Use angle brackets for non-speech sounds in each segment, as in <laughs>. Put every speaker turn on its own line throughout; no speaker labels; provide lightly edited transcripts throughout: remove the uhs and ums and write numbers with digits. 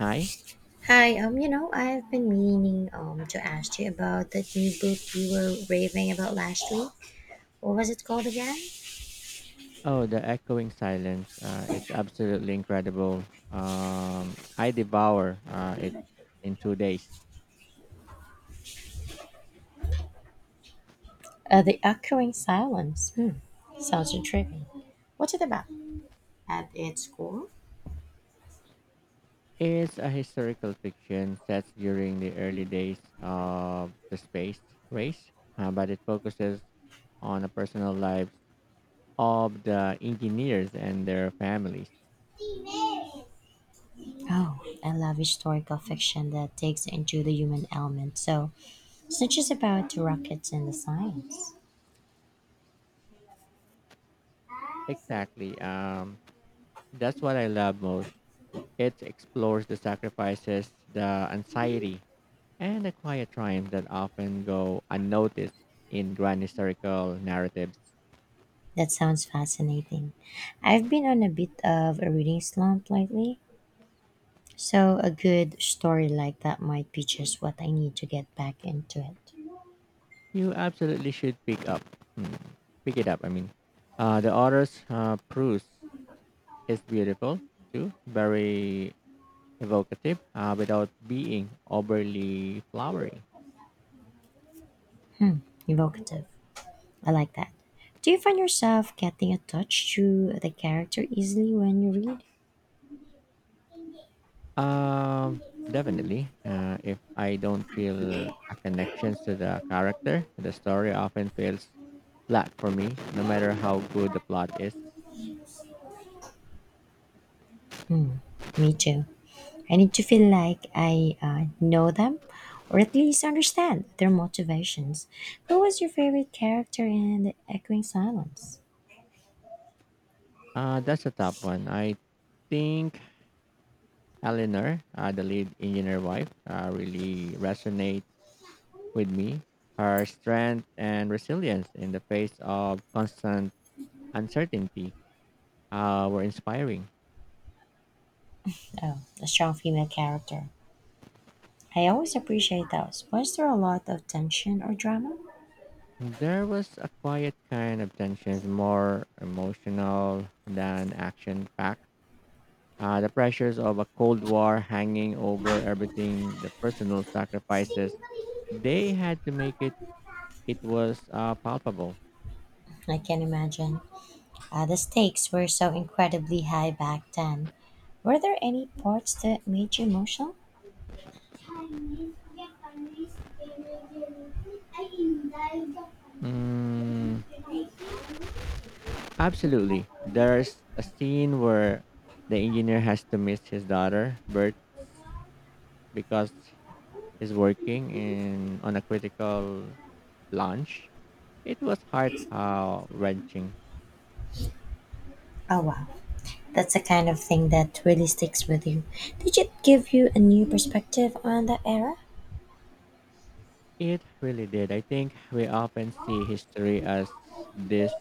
Hi.
Hi, I've been meaning to ask you about that new book you were raving about last week. What was it called again?
Oh, the echoing silence. It's absolutely incredible. I devour it in two days.
The Echoing Silence. Hmm. Sounds intriguing. What's it about? At its core?
It's a historical fiction set during the early days of the space race, but it focuses on the personal lives of the engineers and their families.
Oh, I love historical fiction that digs into the human element. So it's not just about the rockets and the science.
Exactly. That's what I love most. It explores the sacrifices, the anxiety, and the quiet triumphs that often go unnoticed in grand historical narratives.
That sounds fascinating. I've been on a bit of a reading slump lately, so a good story like that might be just what I need to get back into it.
You absolutely should hmm, pick it up. The author's prose is beautiful too, very evocative, without being overly flowery.
Hmm, evocative. I like that. Do you find yourself getting attached to the character easily when you read?
Um, definitely. If I don't feel a connection to the character, the story often feels flat for me, no matter how good the plot is.
Hmm, me too. I need to feel like I know them, or at least understand their motivations. Who was your favorite character in The Echoing Silence?
That's a top one. I think Eleanor, the lead engineer wife, really resonate with me. Her strength and resilience in the face of constant uncertainty were inspiring.
Oh, a strong female character. I always appreciate those. Was there a lot of tension or drama?
There was a quiet kind of tension, more emotional than action packed. The pressures of a Cold War hanging over everything, the personal sacrifices they had to make it, was palpable.
I can imagine. The stakes were so incredibly high back then. Were there any parts that made you emotional?
Mm, Absolutely. There's a scene where the engineer has to miss his daughter, Bert, because he's working in on a critical launch. It was heart wrenching.
Oh, wow. That's the kind of thing that really sticks with you. Did it give you a new perspective on the era?
It really did. I think we often see history as these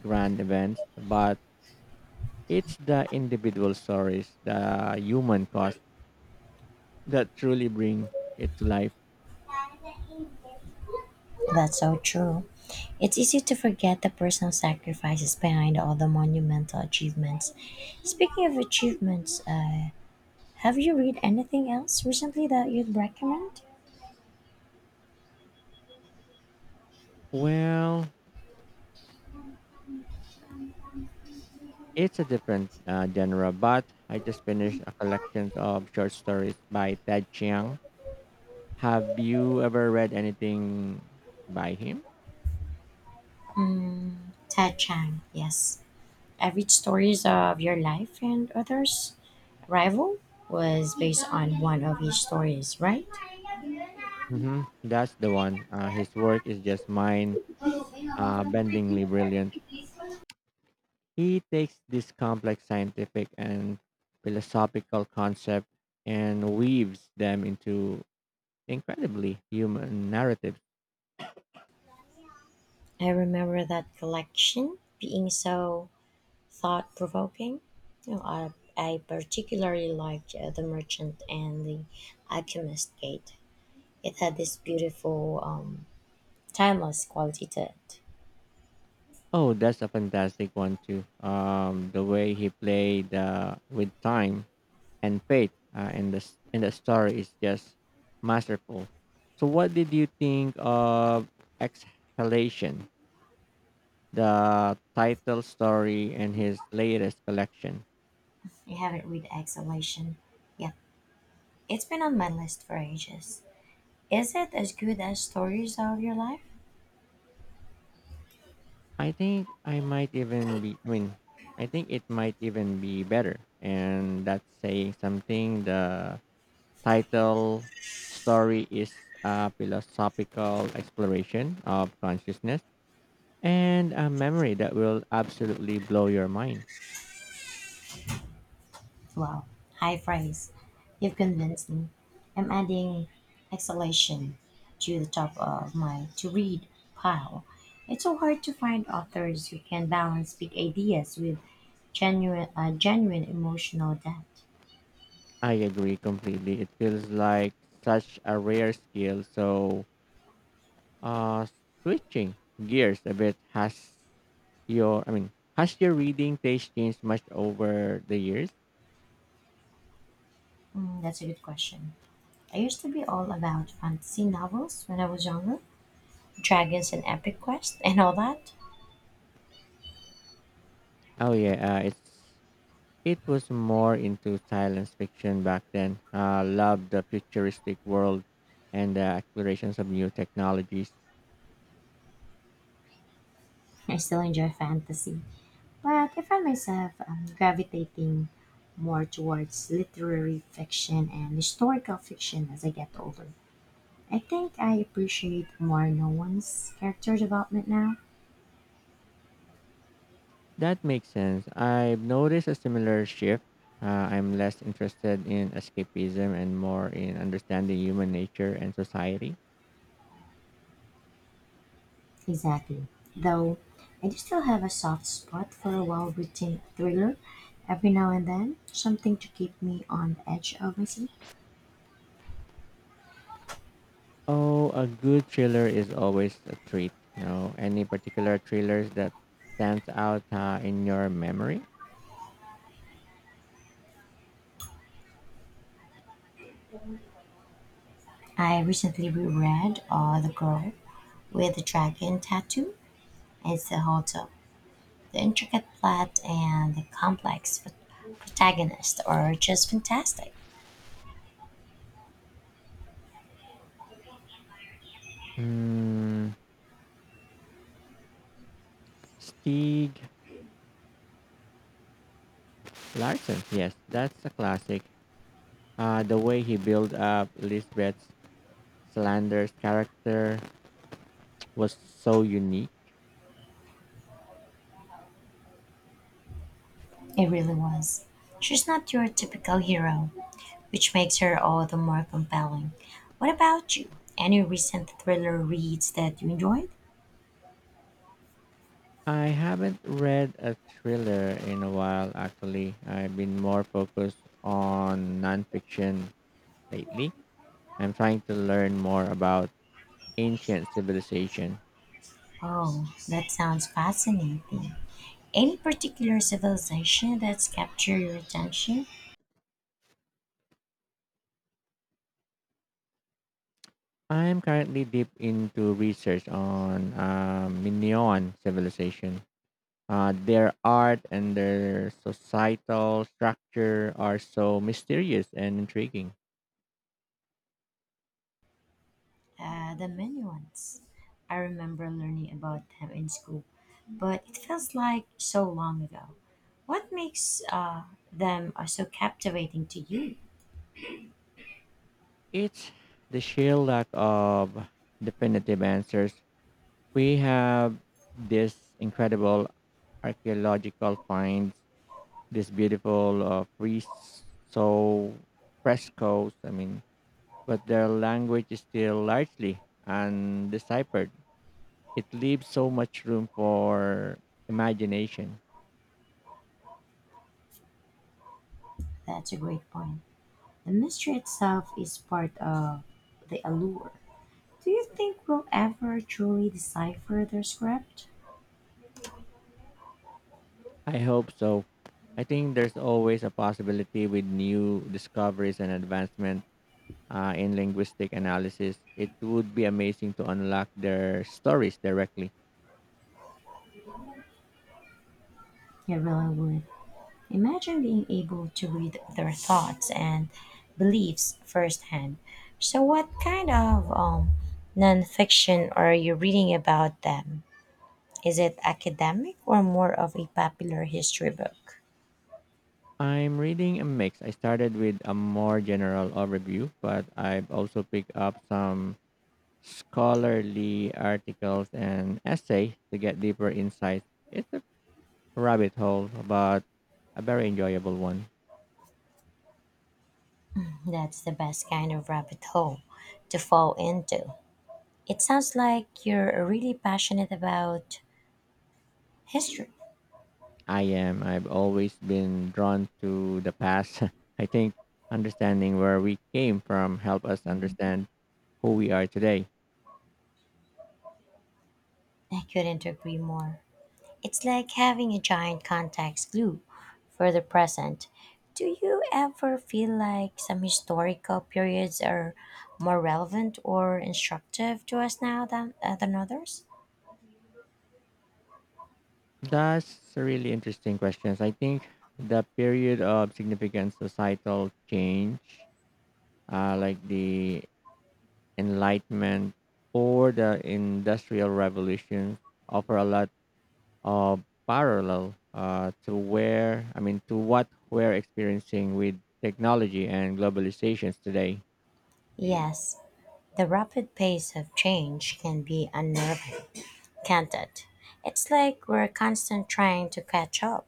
grand events, but it's the individual stories, the human cost that truly bring it to life.
That's so true. It's easy to forget the personal sacrifices behind all the monumental achievements. Speaking of achievements, have you read anything else recently that you'd recommend?
Well, it's a different genre, but I just finished a collection of short stories by Ted Chiang. Have you ever read anything by him?
Mm, Ted Chang, yes. Average stories of your life and others. Rival was based on one of his stories, right?
That's the one. His work is just mind bendingly brilliant. He takes this complex scientific and philosophical concept and weaves them into incredibly human narratives.
I remember that collection being so thought provoking. You know, I, I particularly liked The Merchant and The Alchemist Gate. It had this beautiful, timeless quality to it.
Oh, that's a fantastic one too. The way he played with time and faith and the story is just masterful. So what did you think of Exhalation, the title story in his latest collection?
I haven't read Exhalation yet. It's been on my list for ages. Is it as good as stories of your life?
I think I might even be I mean I think it might even be better, and that's saying something. The title story is a philosophical exploration of consciousness and a memory that will absolutely blow your mind.
Wow, high praise. You've convinced me. I'm adding exhalation to the top of my to read pile. It's so hard to find authors who can balance big ideas with genuine emotional depth.
I agree completely. It feels like such a rare skill. So, uh, switching gears a bit, has your reading taste changed much over the years?
Mm, that's a good question. I used to be all about fantasy novels when I was younger, dragons and epic quest and all that.
Oh yeah, it was more into science fiction back then. Loved the futuristic world and the explorations of new technologies.
I still enjoy fantasy, but I find myself gravitating more towards literary fiction and historical fiction as I get older. I think I appreciate more no one's character development now.
That makes sense. I've noticed a similar shift. I'm less interested in escapism and more in understanding human nature and society.
Exactly. Though I do still have a soft spot for a well written thriller every now and then, something to keep me on the edge of my seat.
Oh, a good thriller is always a treat. You know, any particular thrillers that stands out in your memory?
I recently reread The Girl with the Dragon Tattoo. It's a whole The intricate plot and the complex protagonist are just fantastic.
Hmm, Stieg Larsson. Yes, that's a classic. The way he built up Lisbeth Slander's character was so unique.
It really was. She's not your typical hero, which makes her all the more compelling. What about you? Any recent thriller reads that you enjoyed?
I haven't read a thriller in a while, actually. I've been more focused on nonfiction lately. I'm trying to learn more about ancient civilization.
Oh, that sounds fascinating. Any particular civilization that's captured your attention?
I'm currently deep into research on Minoan civilization. Their art and their societal structure are so mysterious and intriguing.
The Minuans. I remember learning about them in school, but it feels like so long ago. What makes them so captivating to you?
It's the sheer lack of definitive answers. We have this incredible archaeological finds, this beautiful friso frescoes. But their language is still largely undeciphered. It leaves so much room for imagination.
That's a great point. The mystery itself is part of the allure. Do you think we'll ever truly decipher their script?
I hope so. I think there's always a possibility with new discoveries and advancement in linguistic analysis. It would be amazing to unlock their stories directly.
You really would. Imagine being able to read their thoughts and beliefs firsthand. So, what kind of nonfiction are you reading about them? Is it academic or more of a popular history book?
I'm reading a mix. I started with a more general overview, but I've also picked up some scholarly articles and essays to get deeper insights. It's a rabbit hole, but a very enjoyable one.
That's the best kind of rabbit hole to fall into. It sounds like you're really passionate about history.
I am. I've always been drawn to the past. <laughs> I think understanding where we came from help us understand who we are today.
I couldn't agree more. It's like having a giant contacts glue for the present. Do you ever feel like some historical periods are more relevant or instructive to us now than others?
That's a really interesting question. I think the period of significant societal change, like the Enlightenment or the Industrial Revolution, offer a lot of parallel to where I mean to what we're experiencing with technology and globalizations today.
Yes, the rapid pace of change can be unnerving, can't it? It's like we're constant trying to catch up.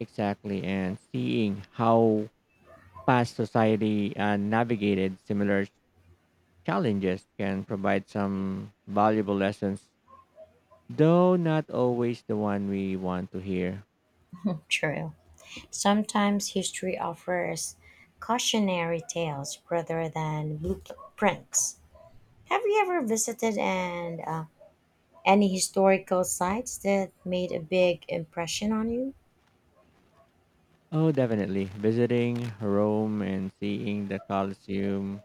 Exactly, and seeing how past society navigated similar challenges can provide some valuable lessons, though not always the one we want to hear.
True. Sometimes history offers cautionary tales rather than blueprints. Have you ever visited and any historical sites that made a big impression on you?
Oh, definitely. Visiting Rome and seeing the Colosseum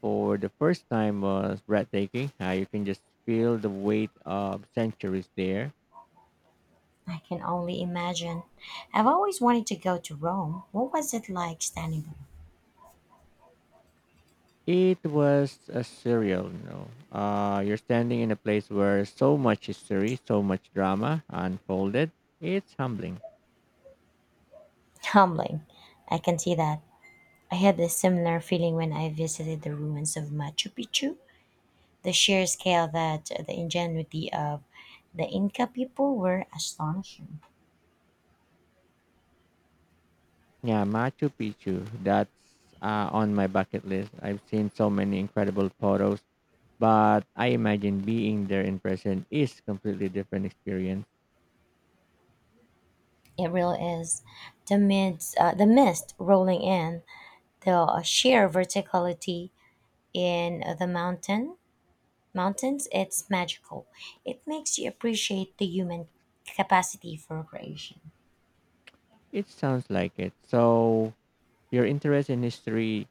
for the first time was breathtaking. You can just feel the weight of centuries there.
I can only imagine. I've always wanted to go to Rome. What was it like standing there?
It was a surreal, you know. You're standing in a place where so much history, so much drama unfolded. It's humbling.
<laughs> Humbling. I can see that. I had a similar feeling when I visited the ruins of Machu Picchu. The sheer scale that the ingenuity of the Inca people were astonishing.
Yeah, Machu Picchu. That's on my bucket list. I've seen so many incredible photos, but I imagine being there in person is completely different experience.
It really is. The mist rolling in, the sheer verticality in the mountains, it's magical. It makes you appreciate the human capacity for creation.
It sounds like it. So your interest in history,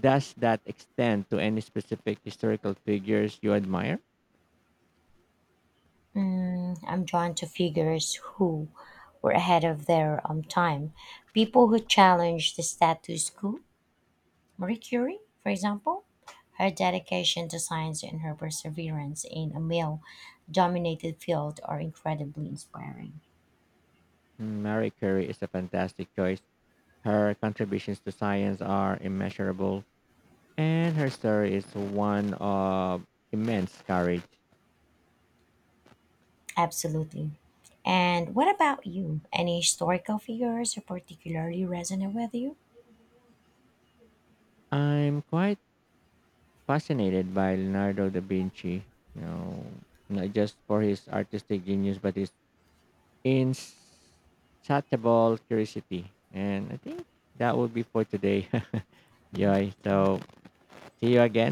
does that extend to any specific historical figures you admire?
I'm drawn to figures who were ahead of their time, people who challenge the status quo. Marie Curie, for example. Her dedication to science and her perseverance in a male dominated field are incredibly inspiring.
Mary Curie is a fantastic choice. Her contributions to science are immeasurable, and her story is one of immense courage.
Absolutely. And what about you? Any historical figures who particularly resonate with you?
I'm quite fascinated by Leonardo da Vinci. You know, not just for his artistic genius, but his insatiable curiosity, and I think that would be for today, <laughs> Joy. So see you again.